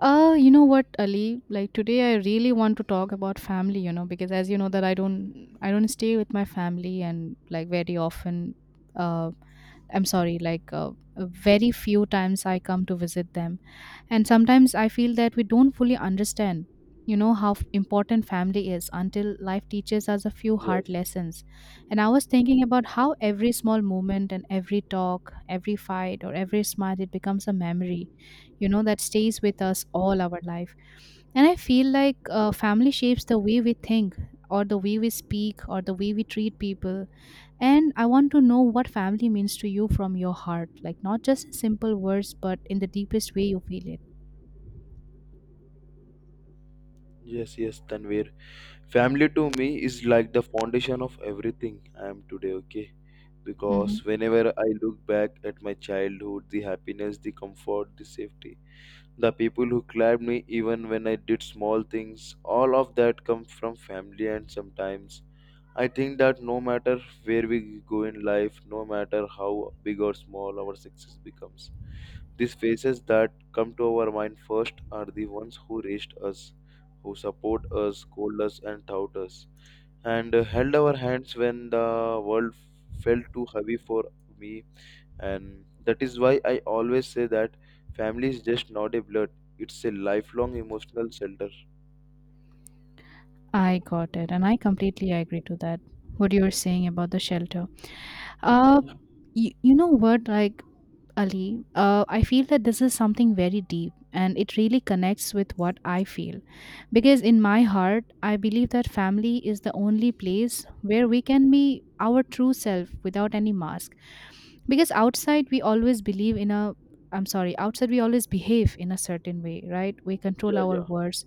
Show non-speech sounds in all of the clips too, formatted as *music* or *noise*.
You know what, Ali? Like today, I really want to talk about family. Because as you know that I don't stay with my family, and like very often, uh, I'm sorry, like very few times I come to visit them. And sometimes I feel that we don't fully understand, you know, how important family is until life teaches us a few Yes, hard lessons. And I was thinking about how every small moment and every talk, every fight, or every smile, it becomes a memory, that stays with us all our life. And I feel like yeah, family shapes the way we think, or the way we speak, or the way we treat people. And I want to know what family means to you from your heart, like not just in simple words, but in the deepest way you feel it. yes, yes, Tanvir. Family to me is like the foundation of everything I am today, okay? Mhm. Because whenever I look back at my childhood, the happiness, the comfort, the safety, the people who clapped me even when I did small things, all of that comes from family. And sometimes I think that no matter where we go in life, no matter how big or small our success becomes, these faces that come to our mind first are the ones who raised us, who support us, scold us, and taught us, and held our hands when the world felt too heavy for me. And that is why I always say that family is just not a blood; it's a lifelong emotional shelter. I got it, and I completely agree to that. What you were saying about the shelter. Uh, you know what, like Ali, I feel that this is something very deep, and it really connects with what I feel, because in my heart, I believe that family is the only place where we can be our true self without any mask, because outside we always believe in a. I'm sorry, outside we always behave in a certain way, right? We control Yeah, our yeah, words,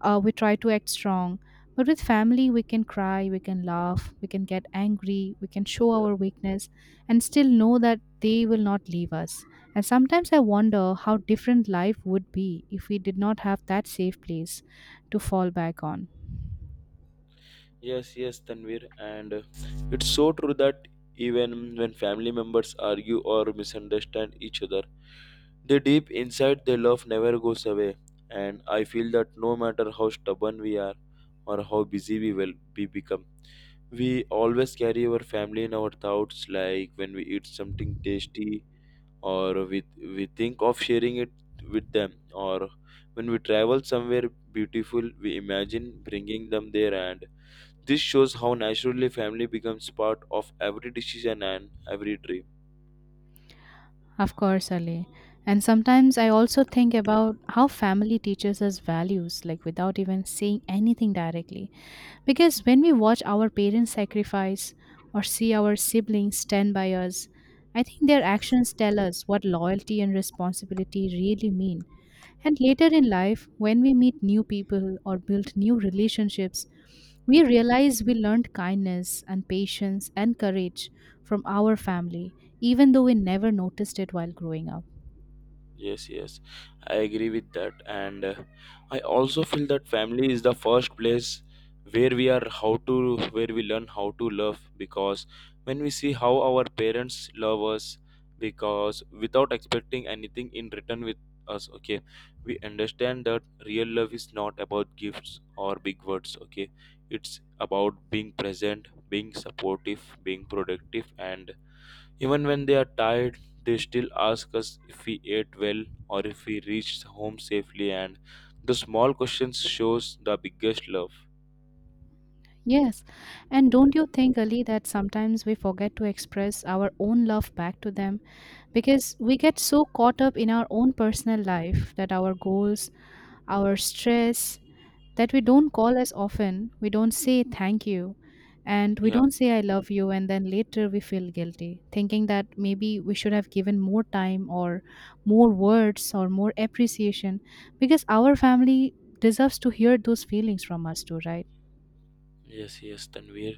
we try to act strong, but with family we can cry, we can laugh, we can get angry, we can show yeah. our weakness, and still know that they will not leave us. And sometimes I wonder how different life would be if we did not have that safe place to fall back on. Yes, yes, Tanvir, and it's so true that even when family members argue or misunderstand each other, the deep inside they love never goes away. And I feel that no matter how stubborn we are or how busy we will be become, we always carry our family in our thoughts. Like when we eat something tasty, or we think of sharing it with them, or when we travel somewhere beautiful, we imagine bringing them there, and this shows how naturally family becomes part of every decision and every dream. Of course, Ali. And sometimes I also think about how family teaches us values, like without even saying anything directly. Because when we watch our parents sacrifice or see our siblings stand by us, I think their actions tell us what loyalty and responsibility really mean. And later in life, when we meet new people or build new relationships, we realize we learned kindness and patience and courage from our family, even though we never noticed it while growing up. Yes, yes, I agree with that. And I also feel that family is the first place where we learn how to love, because when we see how our parents love us, because without expecting anything in return with us, okay, we understand that real love is not about gifts or big words, okay, it's about being present, being supportive, being productive, and even when they are tired, they still ask us if we ate well or if we reached home safely, and the small questions shows the biggest love. Yes. And don't you think, Ali, that sometimes we forget to express our own love back to them because we get so caught up in our own personal life, that our goals, our stress, that we don't call as often, we don't say thank you, and we Yeah. don't say I love you, and then later we feel guilty, thinking that maybe we should have given more time, or more words, or more appreciation, because our family deserves to hear those feelings from us too, right? Yes, yes, Tanvir,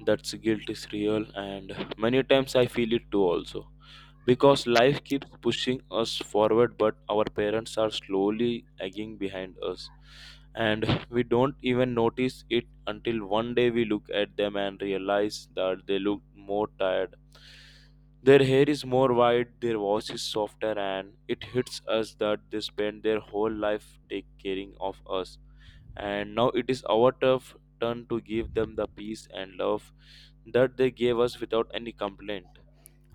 that's guilt is real, and many times I feel it too also. Because life keeps pushing us forward, but our parents are slowly egging behind us, and we don't even notice it until one day we look at them and realize that they look more tired. Their hair is more white, their voice is softer, and it hits us that they spend their whole life taking caring of us and now it is our turf return to give them the peace and love that they gave us without any complaint.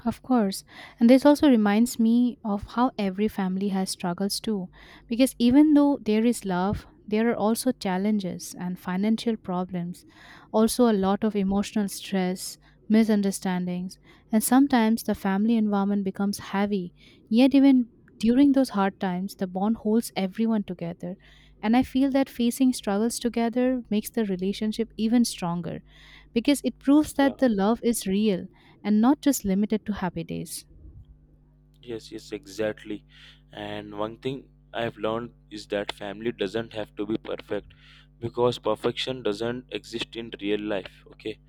Of course. And this also reminds me of how every family has struggles too. Because even though there is love, there are also challenges and financial problems, also a lot of emotional stress, misunderstandings, and sometimes the family environment becomes heavy. Yet, even during those hard times, the bond holds everyone together. And I feel that facing struggles together makes the relationship even stronger, because it proves Yeah, that the love is real and not just limited to happy days. yes, yes, exactly. And one thing I've learned is that family doesn't have to be perfect, because perfection doesn't exist in real life. Okay,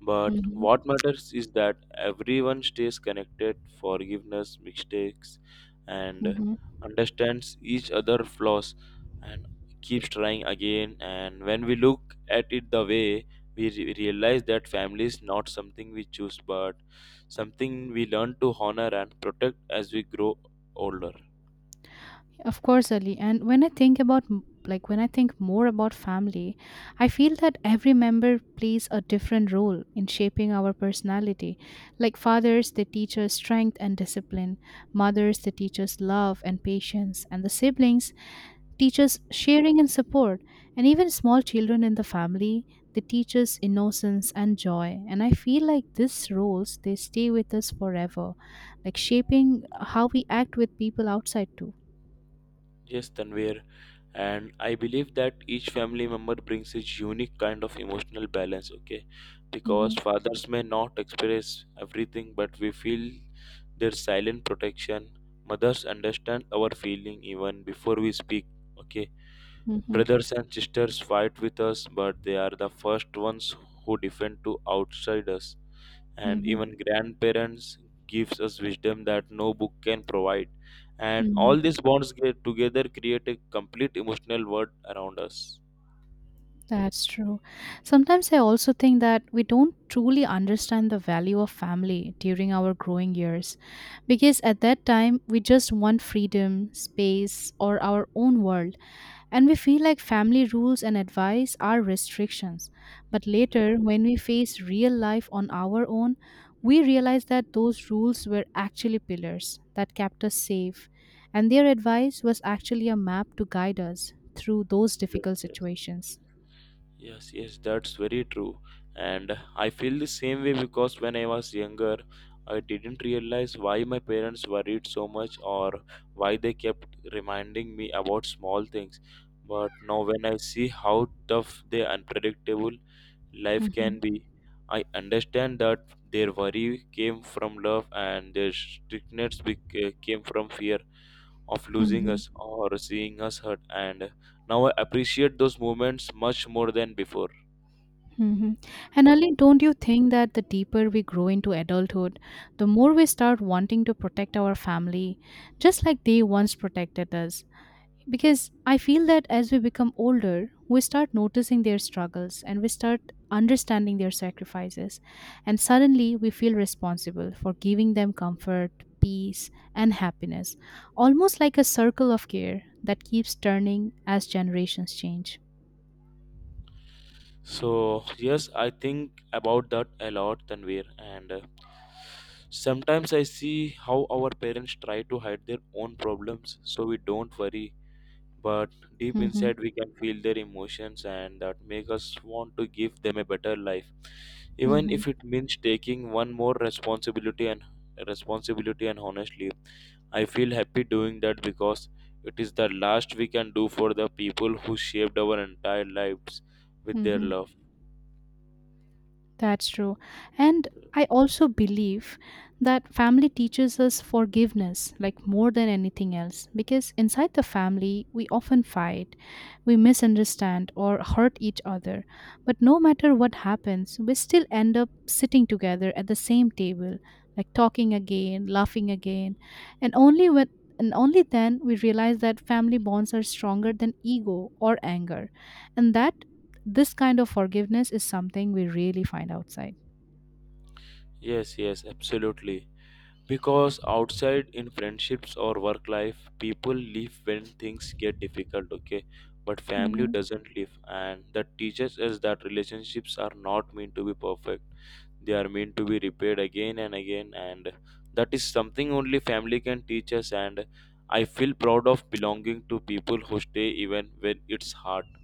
but Hmm. what matters is that everyone stays connected, forgiveness mistakes, and Hmm. understands each other flaws and keeps trying again. And when we look at it the way, we realize that family is not something we choose, but something we learn to honor and protect as we grow older. Of course, Ali. And when I think about like when I think more about family, I feel that every member plays a different role in shaping our personality. Like fathers, they teach us strength and discipline. Mothers, they teach us love and patience. And the siblings, teaches sharing and support, and even small children in the family, they teach us innocence and joy. And I feel like these roles, they stay with us forever, like shaping how we act with people outside too. Yes, Tanvir, and I believe that each family member brings his unique kind of emotional balance, okay? Mm-hmm. Because fathers may not express everything, but we feel their silent protection. Mothers understand our feeling even before we speak, okay? Mm-hmm. Brothers and sisters fight with us, but they are the first ones who defend to outsiders, and Mm-hmm. even grandparents gives us wisdom that no book can provide, and all these bonds get together create a complete emotional world around us. That's true. Sometimes I also think that we don't truly understand the value of family during our growing years, because at that time we just want freedom, space, or our own world. And we feel like family rules and advice are restrictions. But Yeah, later, when we face real life on our own, we realize that those rules were actually pillars that kept us safe. And their advice was actually a map to guide us through those yes, difficult yes, situations. yes, yes, that's very true. And I feel the same way, because when I was younger, I didn't realize why my parents worried so much, or why they kept reminding me about small things, but now when I see how tough they are unpredictable life Mhm. can be. I understand that their worry came from love and their strictness came from fear of losing Mhm. us or seeing us hurt. And now I appreciate those moments much more than before. Mhm. And Ali, don't you think that the deeper we grow into adulthood, the more we start wanting to protect our family, just like they once protected us? Because I feel that as we become older, we start noticing their struggles, and we start understanding their sacrifices. And suddenly we feel responsible for giving them comfort, peace, and happiness, almost like a circle of care that keeps turning as generations change. So, yes, I think about that a lot, Tanvir. And sometimes I see how our parents try to hide their own problems so we don't worry, but deep Hmm. inside we can feel their emotions, and that make us want to give them a better life, even if it means taking one more responsibility and responsibility. And honestly, I feel happy doing that, because it is the last we can do for the people who shaped our entire lives with their Mhm. love. That's true. And I also believe that family teaches us forgiveness, like more than anything else, because inside the family, we often fight, we misunderstand, or hurt each other. But no matter what happens, we still end up sitting together at the same table, like talking again, laughing again. And only when and only then we realize that family bonds are stronger than ego or anger. And that this kind of forgiveness is something we really find outside. Yes, yes, absolutely. Because outside in friendships or work life, people leave when things get difficult, okay? But family Hmm. doesn't leave, and that teaches us that relationships are not meant to be perfect. They are meant to be repaired again and again, and that is something only family can teach us. And I feel proud of belonging to people who stay even when it's hard.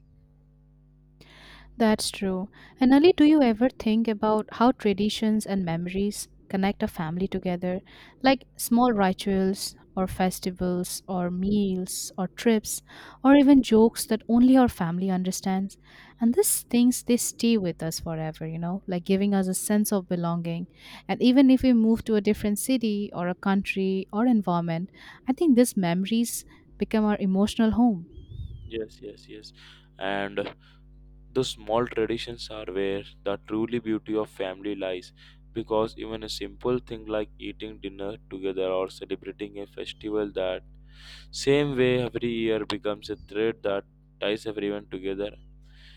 That's true. And Ali, do you ever think about how traditions and memories connect a family together? Like small rituals, or festivals, or meals, or trips, or even jokes that only our family understands. And these things, they stay with us forever, you know, like giving us a sense of belonging. And even if we move to a different city, or a country, or environment, I think these memories become our emotional home. Yes, yes, yes. And those small traditions are where the truly beauty of family lies, because even a simple thing like eating dinner together or celebrating a festival that same way every year becomes a thread that ties everyone together,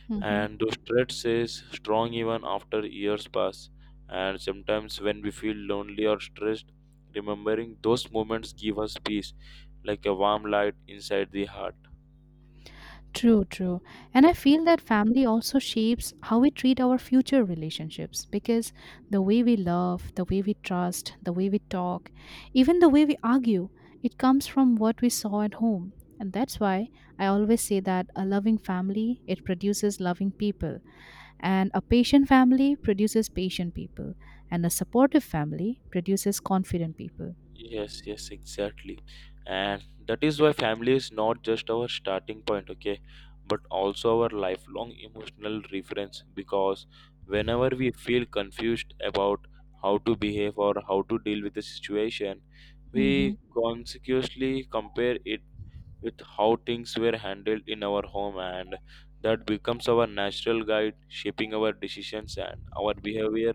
Mhm. and those threads stays strong even after years pass. And sometimes when we feel lonely or stressed, remembering those moments give us peace, like a warm light inside the heart. True, true. And I feel that family also shapes how we treat our future relationships, because the way we love, the way we trust, the way we talk, even the way we argue, it comes from what we saw at home. And that's why I always say that a loving family, it produces loving people. And a patient family produces patient people. And a supportive family produces confident people. Yes, yes, exactly. And that is why family is not just our starting point, okay, but also our lifelong emotional reference, because whenever we feel confused about how to behave or how to deal with the situation, Hmm. we consciously compare it with how things were handled in our home, and that becomes our natural guide shaping our decisions and our behavior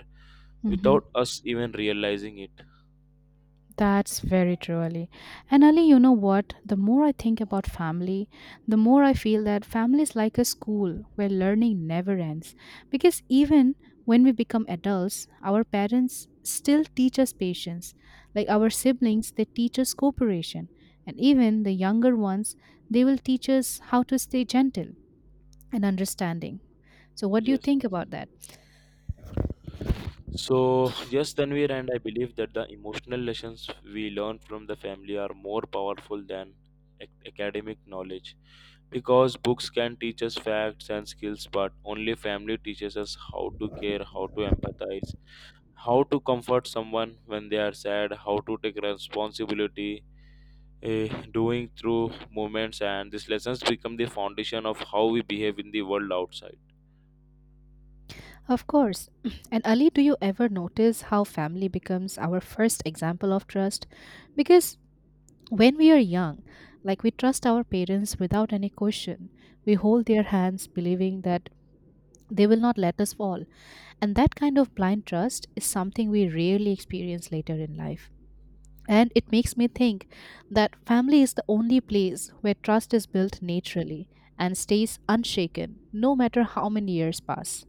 Hmm. without us even realizing it. That's very true, Ali. And Ali, you know what? The more I think about family, the more I feel that family is like a school where learning never ends. Because even when we become adults, our parents still teach us patience. Like our siblings, they teach us cooperation. And even the younger ones, they will teach us how to stay gentle and understanding. So, what do you Yes, think yes. about that? So, yes, Tanvir, and I believe that the emotional lessons we learn from the family are more powerful than academic knowledge, because books can teach us facts and skills, but only family teaches us how to care, how to empathize, how to comfort someone when they are sad, how to take responsibility. eh, Doing through moments, and these lessons become the foundation of how we behave in the world outside. Of course. *clears throat* And Ali, do you ever notice how family becomes our first example of trust? Because when we are young, like we trust our parents without any question, we hold their hands believing that they will not let us fall. And that kind of blind trust is something we rarely experience later in life. And it makes me think that family is the only place where trust is built naturally and stays unshaken no matter how many years pass.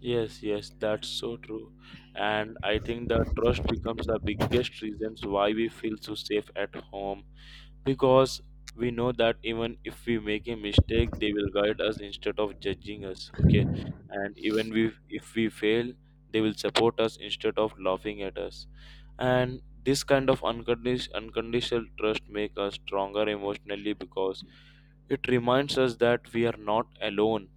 Yes, yes, that's so true. And I think the trust becomes the biggest reasons why we feel so safe at home, because we know that even if we make a mistake, they will guide us instead of judging us. Okay, and even we if we fail, they will support us instead of laughing at us. And this kind of unconditional trust make us stronger emotionally, because it reminds us that we are not alone.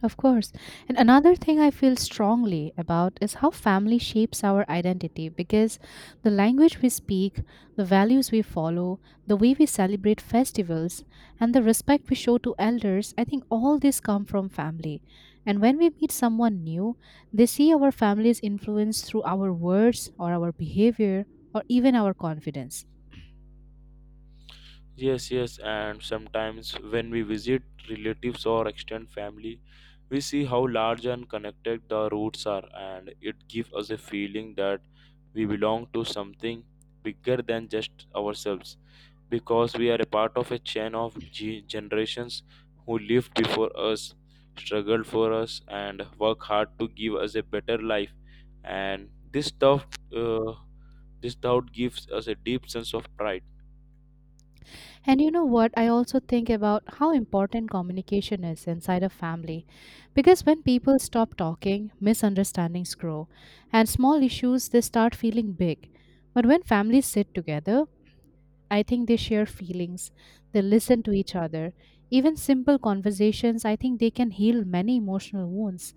Of course. And another thing I feel strongly about is how family shapes our identity, because the language we speak, the values we follow, the way we celebrate festivals, and the respect we show to elders, I think all this come from family. And when we meet someone new, they see our family's influence through our words, or our behavior, or even our confidence. Yes, yes, and sometimes when we visit relatives or extended family, we see how large and connected the roots are, and it gives us a feeling that we belong to something bigger than just ourselves, because we are a part of a chain of generations who lived before us, struggled for us, and work hard to give us a better life. And uh, this doubt gives us a deep sense of pride. And you know what? I also think about how important communication is inside a family. Because when people stop talking, misunderstandings grow, and small issues, they start feeling big. But when families sit together, I think they share feelings, they listen to each other. Even simple conversations, I think they can heal many emotional wounds.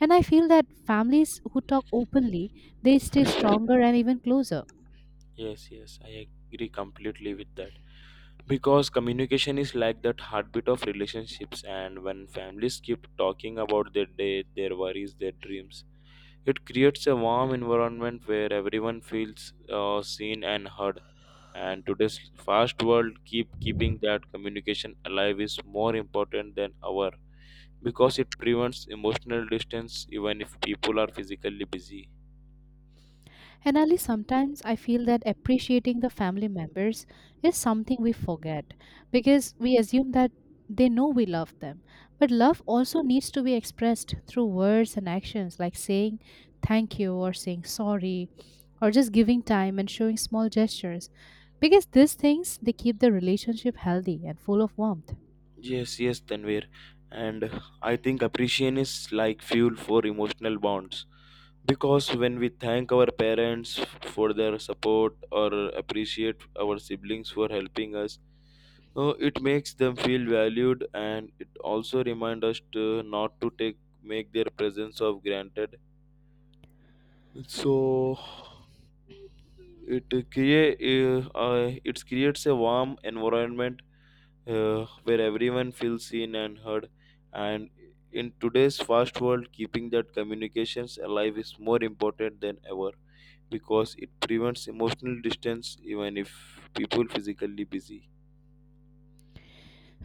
And I feel that families who talk openly, they stay stronger and even closer. Yes, yes, I agree completely with that. Because communication is like that heartbeat of relationships, and when families keep talking about their day, their worries, their dreams, it creates a warm environment where everyone feels seen and heard. And today's fast world, keeping that communication alive is more important than ever, because it prevents emotional distance even if people are physically busy. And Ali, sometimes I feel that appreciating the family members is something we forget, because we assume that they know we love them. But love also needs to be expressed through words and actions, like saying thank you, or saying sorry, or just giving time and showing small gestures. Because these things, they keep the relationship healthy and full of warmth. Yes, yes, Tanvir. And I think appreciation is like fuel for emotional bonds. Because when we thank our parents for their support or appreciate our siblings for helping us, it makes them feel valued, and it also reminds us to not to take make their presence of granted. So it creates a warm environment where everyone feels seen and heard. And in today's fast world, keeping that communications alive is more important than ever, because it prevents emotional distance even if people physically busy.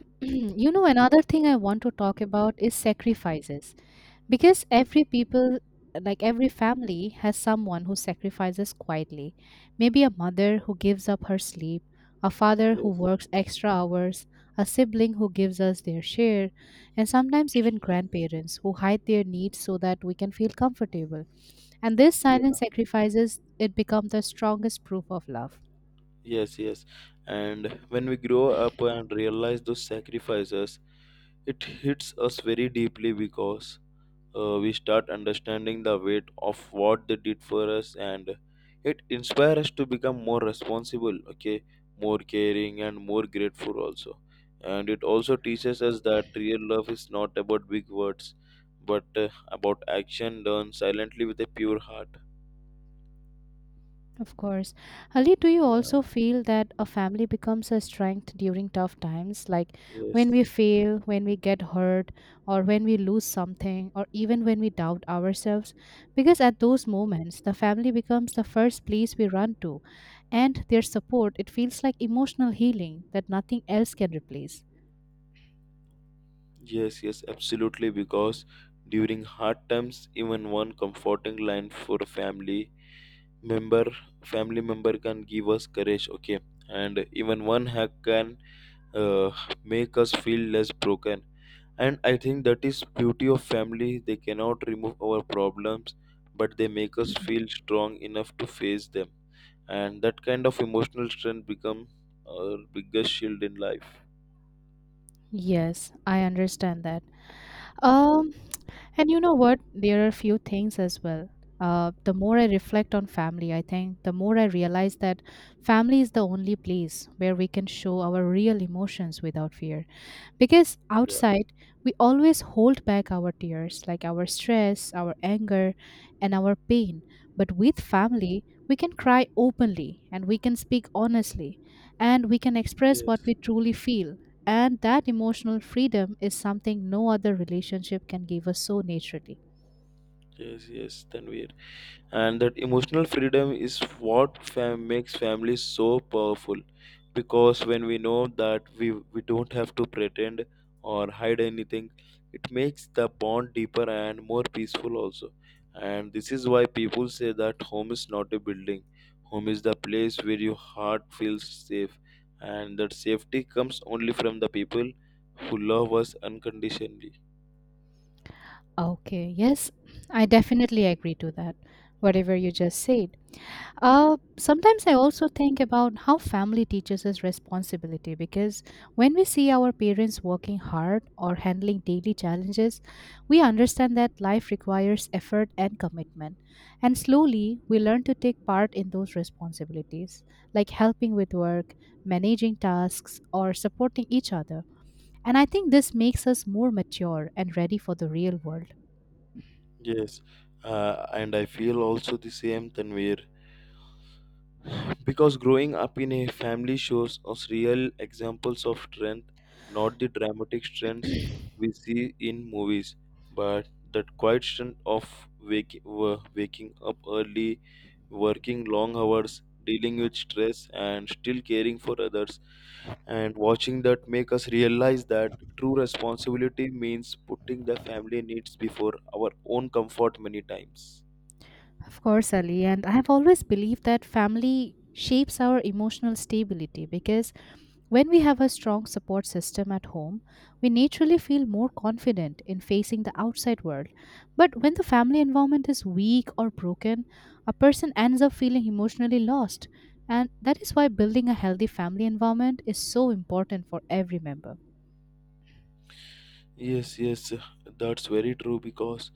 *clears throat* Another thing I want to talk about is sacrifices, because every people, like every family, has someone who sacrifices quietly, maybe a mother who gives up her sleep, a father who Yes. works extra hours, a sibling who gives us their share, and sometimes even grandparents who hide their needs so that we can feel comfortable. And this Yeah. silent sacrifices, it becomes the strongest proof of love. Yes, yes. And when we grow up and realize those sacrifices, it hits us very deeply because we start understanding the weight of what they did for us, and it inspires us to become more responsible, okay, more caring and more grateful also. And it also teaches us that real love is not about big words but about action done silently with a pure heart. Of course. Ali, do you Yeah, also feel that a family becomes a strength during tough times? Like when yes, we fail, when we get hurt, or when we lose something, or even when we doubt ourselves? Because at those moments, the family becomes the first place we run to, and their support, it feels like emotional healing that nothing else can replace. yes, yes, absolutely, because during hard times even one comforting line for a member family member can give us courage, okay. And even one hack can uh, make us feel less broken. And I think that is beauty of family: they cannot remove our problems, but they make us *clears throat* feel strong enough to face them. And that kind of emotional strength become our biggest shield in life. Yes, I understand that. Um, And you know what? There are a few things as well. The more I reflect on family, I think the more I realize that family is the only place where we can show our real emotions without fear. Because Yeah, outside, we always hold back our tears, like our stress, our anger, and our pain. But with family, we can cry openly and we can speak honestly and we can express what yes, we truly feel and that emotional freedom is something no other relationship can give us so naturally. yes, yes, Tanvir. And that emotional freedom is what makes families so powerful, because when we know that we don't have to pretend or hide anything, it makes the bond deeper and more peaceful also. And this is why people say that home is not a building, home is the place where your heart feels safe, and that safety comes only from the people who love us unconditionally. Okay, yes, I definitely agree to that, whatever you just said. Sometimes I also think about how family teaches us responsibility because when we see our parents working hard or handling daily challenges, we understand that life requires effort and commitment. And slowly, we learn to take part in those responsibilities, like helping with work, managing tasks, or supporting each other. And I think this makes us more mature and ready for the real world. Yes. And I feel also the same, Tanvir. Because growing up in a family shows us real examples of strength, not the dramatic strengths we see in movies, but that quiet strength of waking up early, working long hours, dealing with stress, and still caring for others. And watching that make us realize that true responsibility means putting the family needs before our own comfort many times. Of course, Ali, and I have always believed that family shapes our emotional stability because when we have a strong support system at home, we naturally feel more confident in facing the outside world. But when the family environment is weak or broken, a person ends up feeling emotionally lost. And that is why building a healthy family environment is so important for every member. Yes, yes, that's very true, because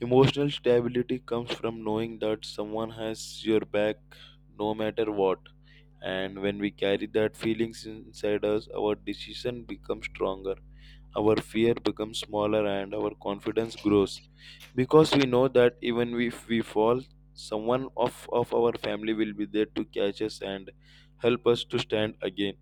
emotional stability comes from knowing that someone has your back no matter what. And when we carry that feelings inside us, our decision becomes stronger, our fear becomes smaller, and our confidence grows. Because we know that even if we fall, someone of our family will be there to catch us and help us to stand again.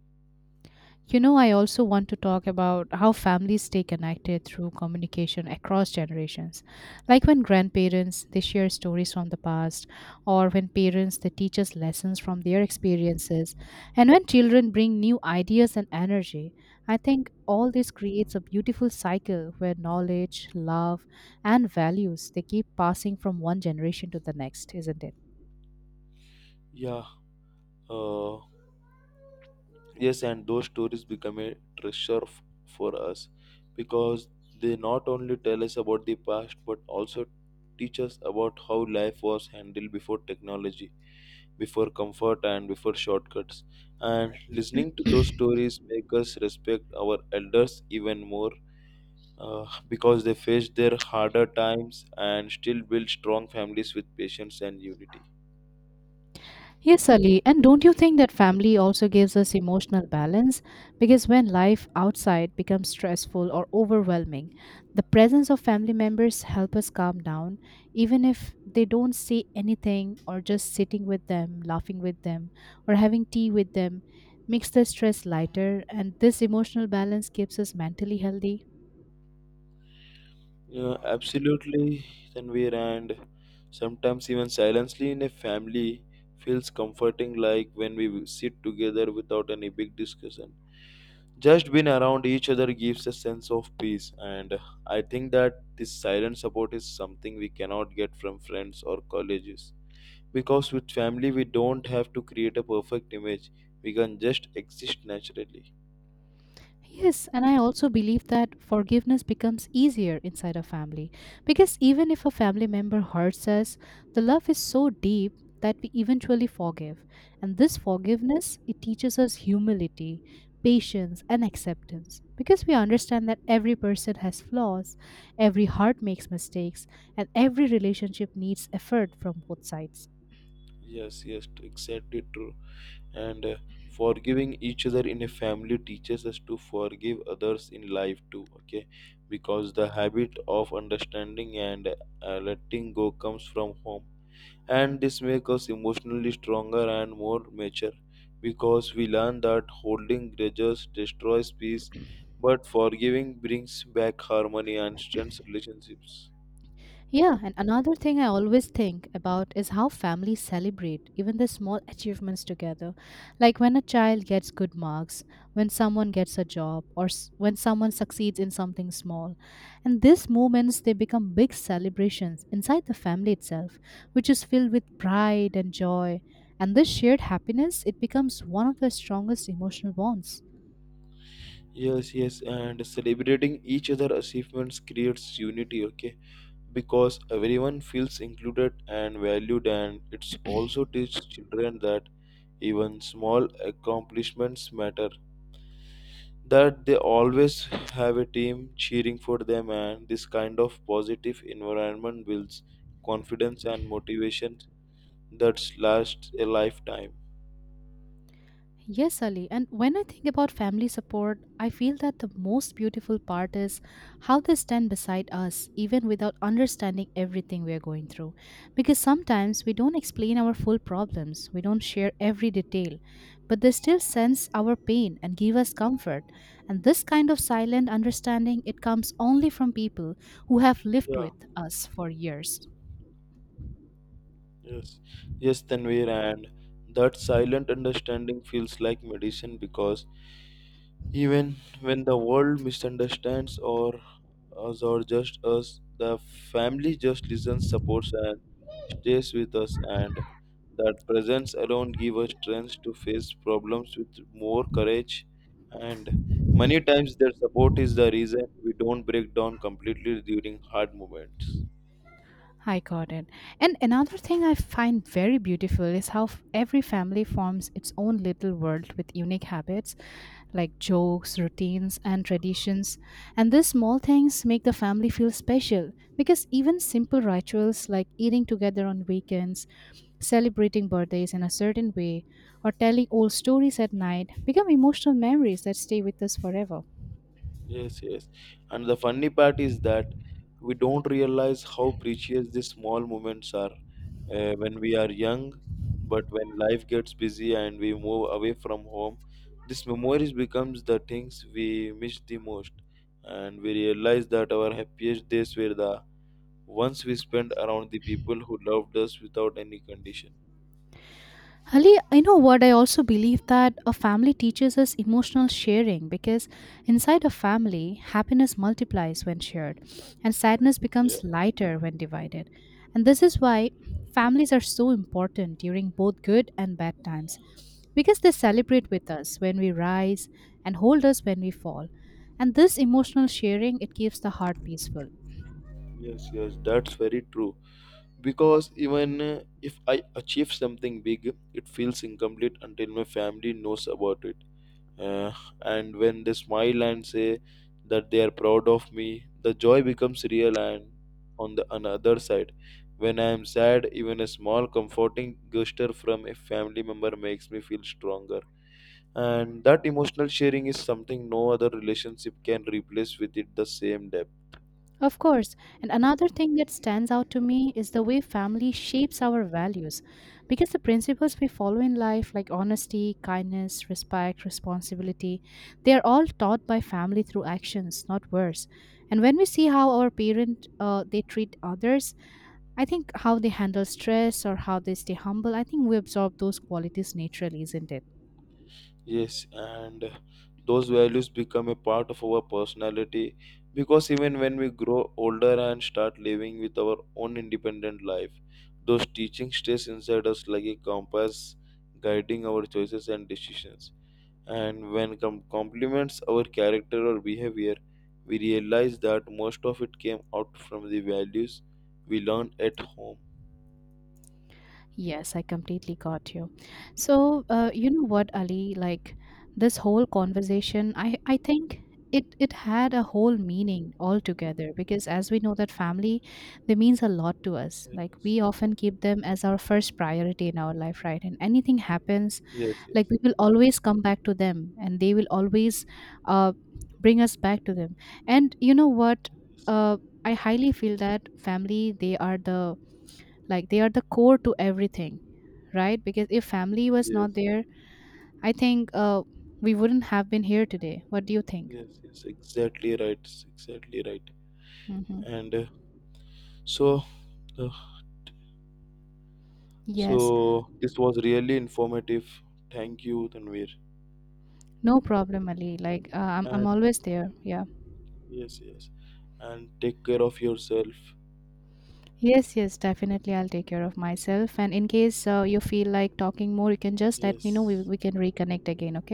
You know, I also want to talk about how families stay connected through communication across generations. Like when grandparents, they share stories from the past, or when parents, they teach us lessons from their experiences, and when children bring new ideas and energy. I think all this creates a beautiful cycle where knowledge, love, and values, they keep passing from one generation to the next, isn't it? Yeah. Uh, Yes, and those stories become a for us, because they not only tell us about the past but also teach us about how life was handled before technology, before comfort, and before shortcuts. And listening to those stories make us respect our elders even more, because they faced their harder times and still built strong families with patience and unity. Yes, Ali, and don't you think that family also gives us emotional balance? Because when life outside becomes stressful or overwhelming, the presence of family members help us calm down, even if they don't say anything or just sitting with them, laughing with them, or having tea with them makes the stress lighter, and this emotional balance keeps us mentally healthy. Yeah, absolutely, Tanvir, and sometimes even silently in a family feels comforting, like when we sit together without any big discussion. Just being around each other gives a sense of peace, and I think that this silent support is something we cannot get from friends or colleges. Because with family, we don't have to create a perfect image, we can just exist naturally. Yes, and I also believe that forgiveness becomes easier inside a family because even if a family member hurts us, the love is so deep that we eventually forgive. And this forgiveness, it teaches us humility, patience, and acceptance because we understand that every person has flaws, every heart makes mistakes, and every relationship needs effort from both sides. Yes, yes, exactly true. And forgiving each other in a family teaches us to forgive others in life too, okay? Because the habit of understanding and letting go comes from home. And this makes us emotionally stronger and more mature, because we learn that holding grudges destroys peace, but forgiving brings back harmony and strengthens relationships. Yeah, and another thing I always think about is how families celebrate even the small achievements together. Like when a child gets good marks, when someone gets a job, when someone succeeds in something small. And these moments, they become big celebrations inside the family itself, which is filled with pride and joy. And this shared happiness, it becomes one of the strongest emotional bonds. Yes, yes, and celebrating each other achievements creates unity, okay? Because everyone feels included and valued, and it's also teaches children that even small accomplishments matter, that they always have a team cheering for them. And this kind of positive environment builds confidence and motivation that lasts a lifetime. Yes, Ali. And when I think about family support, I feel that the most beautiful part is how they stand beside us, even without understanding everything we are going through. Because sometimes we don't explain our full problems, we don't share every detail, but they still sense our pain and give us comfort. And this kind of silent understanding, it comes only from people who have lived Yeah, with us for years. yes, yes, Tanvir, and that silent understanding feels like medicine, because even when the world misunderstands or us or just us, the family just listens, supports, and stays with us. And that presence alone gives us strength to face problems with more courage. And many times, their support is the reason we don't break down completely during hard moments. I got it. And another thing I find very beautiful is how every family forms its own little world with unique habits like jokes, routines, and traditions. And these small things make the family feel special because even simple rituals like eating together on weekends, celebrating birthdays in a certain way, or telling old stories at night become emotional memories that stay with us forever. Yes, yes. And the funny part is that we don't realize how precious these small moments are, when we are young. But when life gets busy and we move away from home, these memories becomes the things we miss the most. And we realize that our happiest days were the ones we spent around the people who loved us without any condition. Ali, I know what I also believe that a family teaches us emotional sharing because inside a family, happiness multiplies when shared and sadness Yeah. becomes lighter when divided. And this is why families are so important during both good and bad times because they celebrate with us when we rise and hold us when we fall. And this emotional sharing, it keeps the heart peaceful. Yes, yes, that's very true. Because even, if I achieve something big, it feels incomplete until my family knows about it. Uh, and when they smile and say that they are proud of me, the joy becomes real. And on the another side, when I am sad, even a small comforting gesture from a family member makes me feel stronger. And that emotional sharing is something no other relationship can replace with it the same depth. Of course. And another thing that stands out to me is the way family shapes our values. Because the principles we follow in life, like honesty, kindness, respect, responsibility, they are all taught by family through actions, not words. And when we see how our parent they treat others, I think how they handle stress or how they stay humble, I think we absorb those qualities naturally, isn't it? Yes, and those values become a part of our personality, because even when we grow older and start living with our own independent life, those teachings stays inside us like a compass guiding our choices and decisions. And when complements our character or behavior, we realize that most of it came out from the values we learned at home. Yes, I completely got you. So, you know what, Ali, like this whole conversation, I think it had a whole meaning altogether because as we know that family, they means a lot to us. Like Yes, we often keep them as our first priority in our life, right? And anything happens, yes, like yes, we will always come back to them and they will always uh, bring us back to them. And you know what, yes, uh, I highly feel that family, they are the like they are the core to everything, right? Because if family was yes, not there, I think we wouldn't have been here today. What do you think? yes, yes, exactly right, exactly right. Hmm. and so uh, Yes. so this was really informative. Thank you, Tanvir. No problem, Ali. Like I'm And always there. Yeah. yes, yes. And take care of yourself. Yes, yes, definitely, I'll take care of myself, and in case you feel like talking more, you can just let me know. we, Yes. we can reconnect again, okay?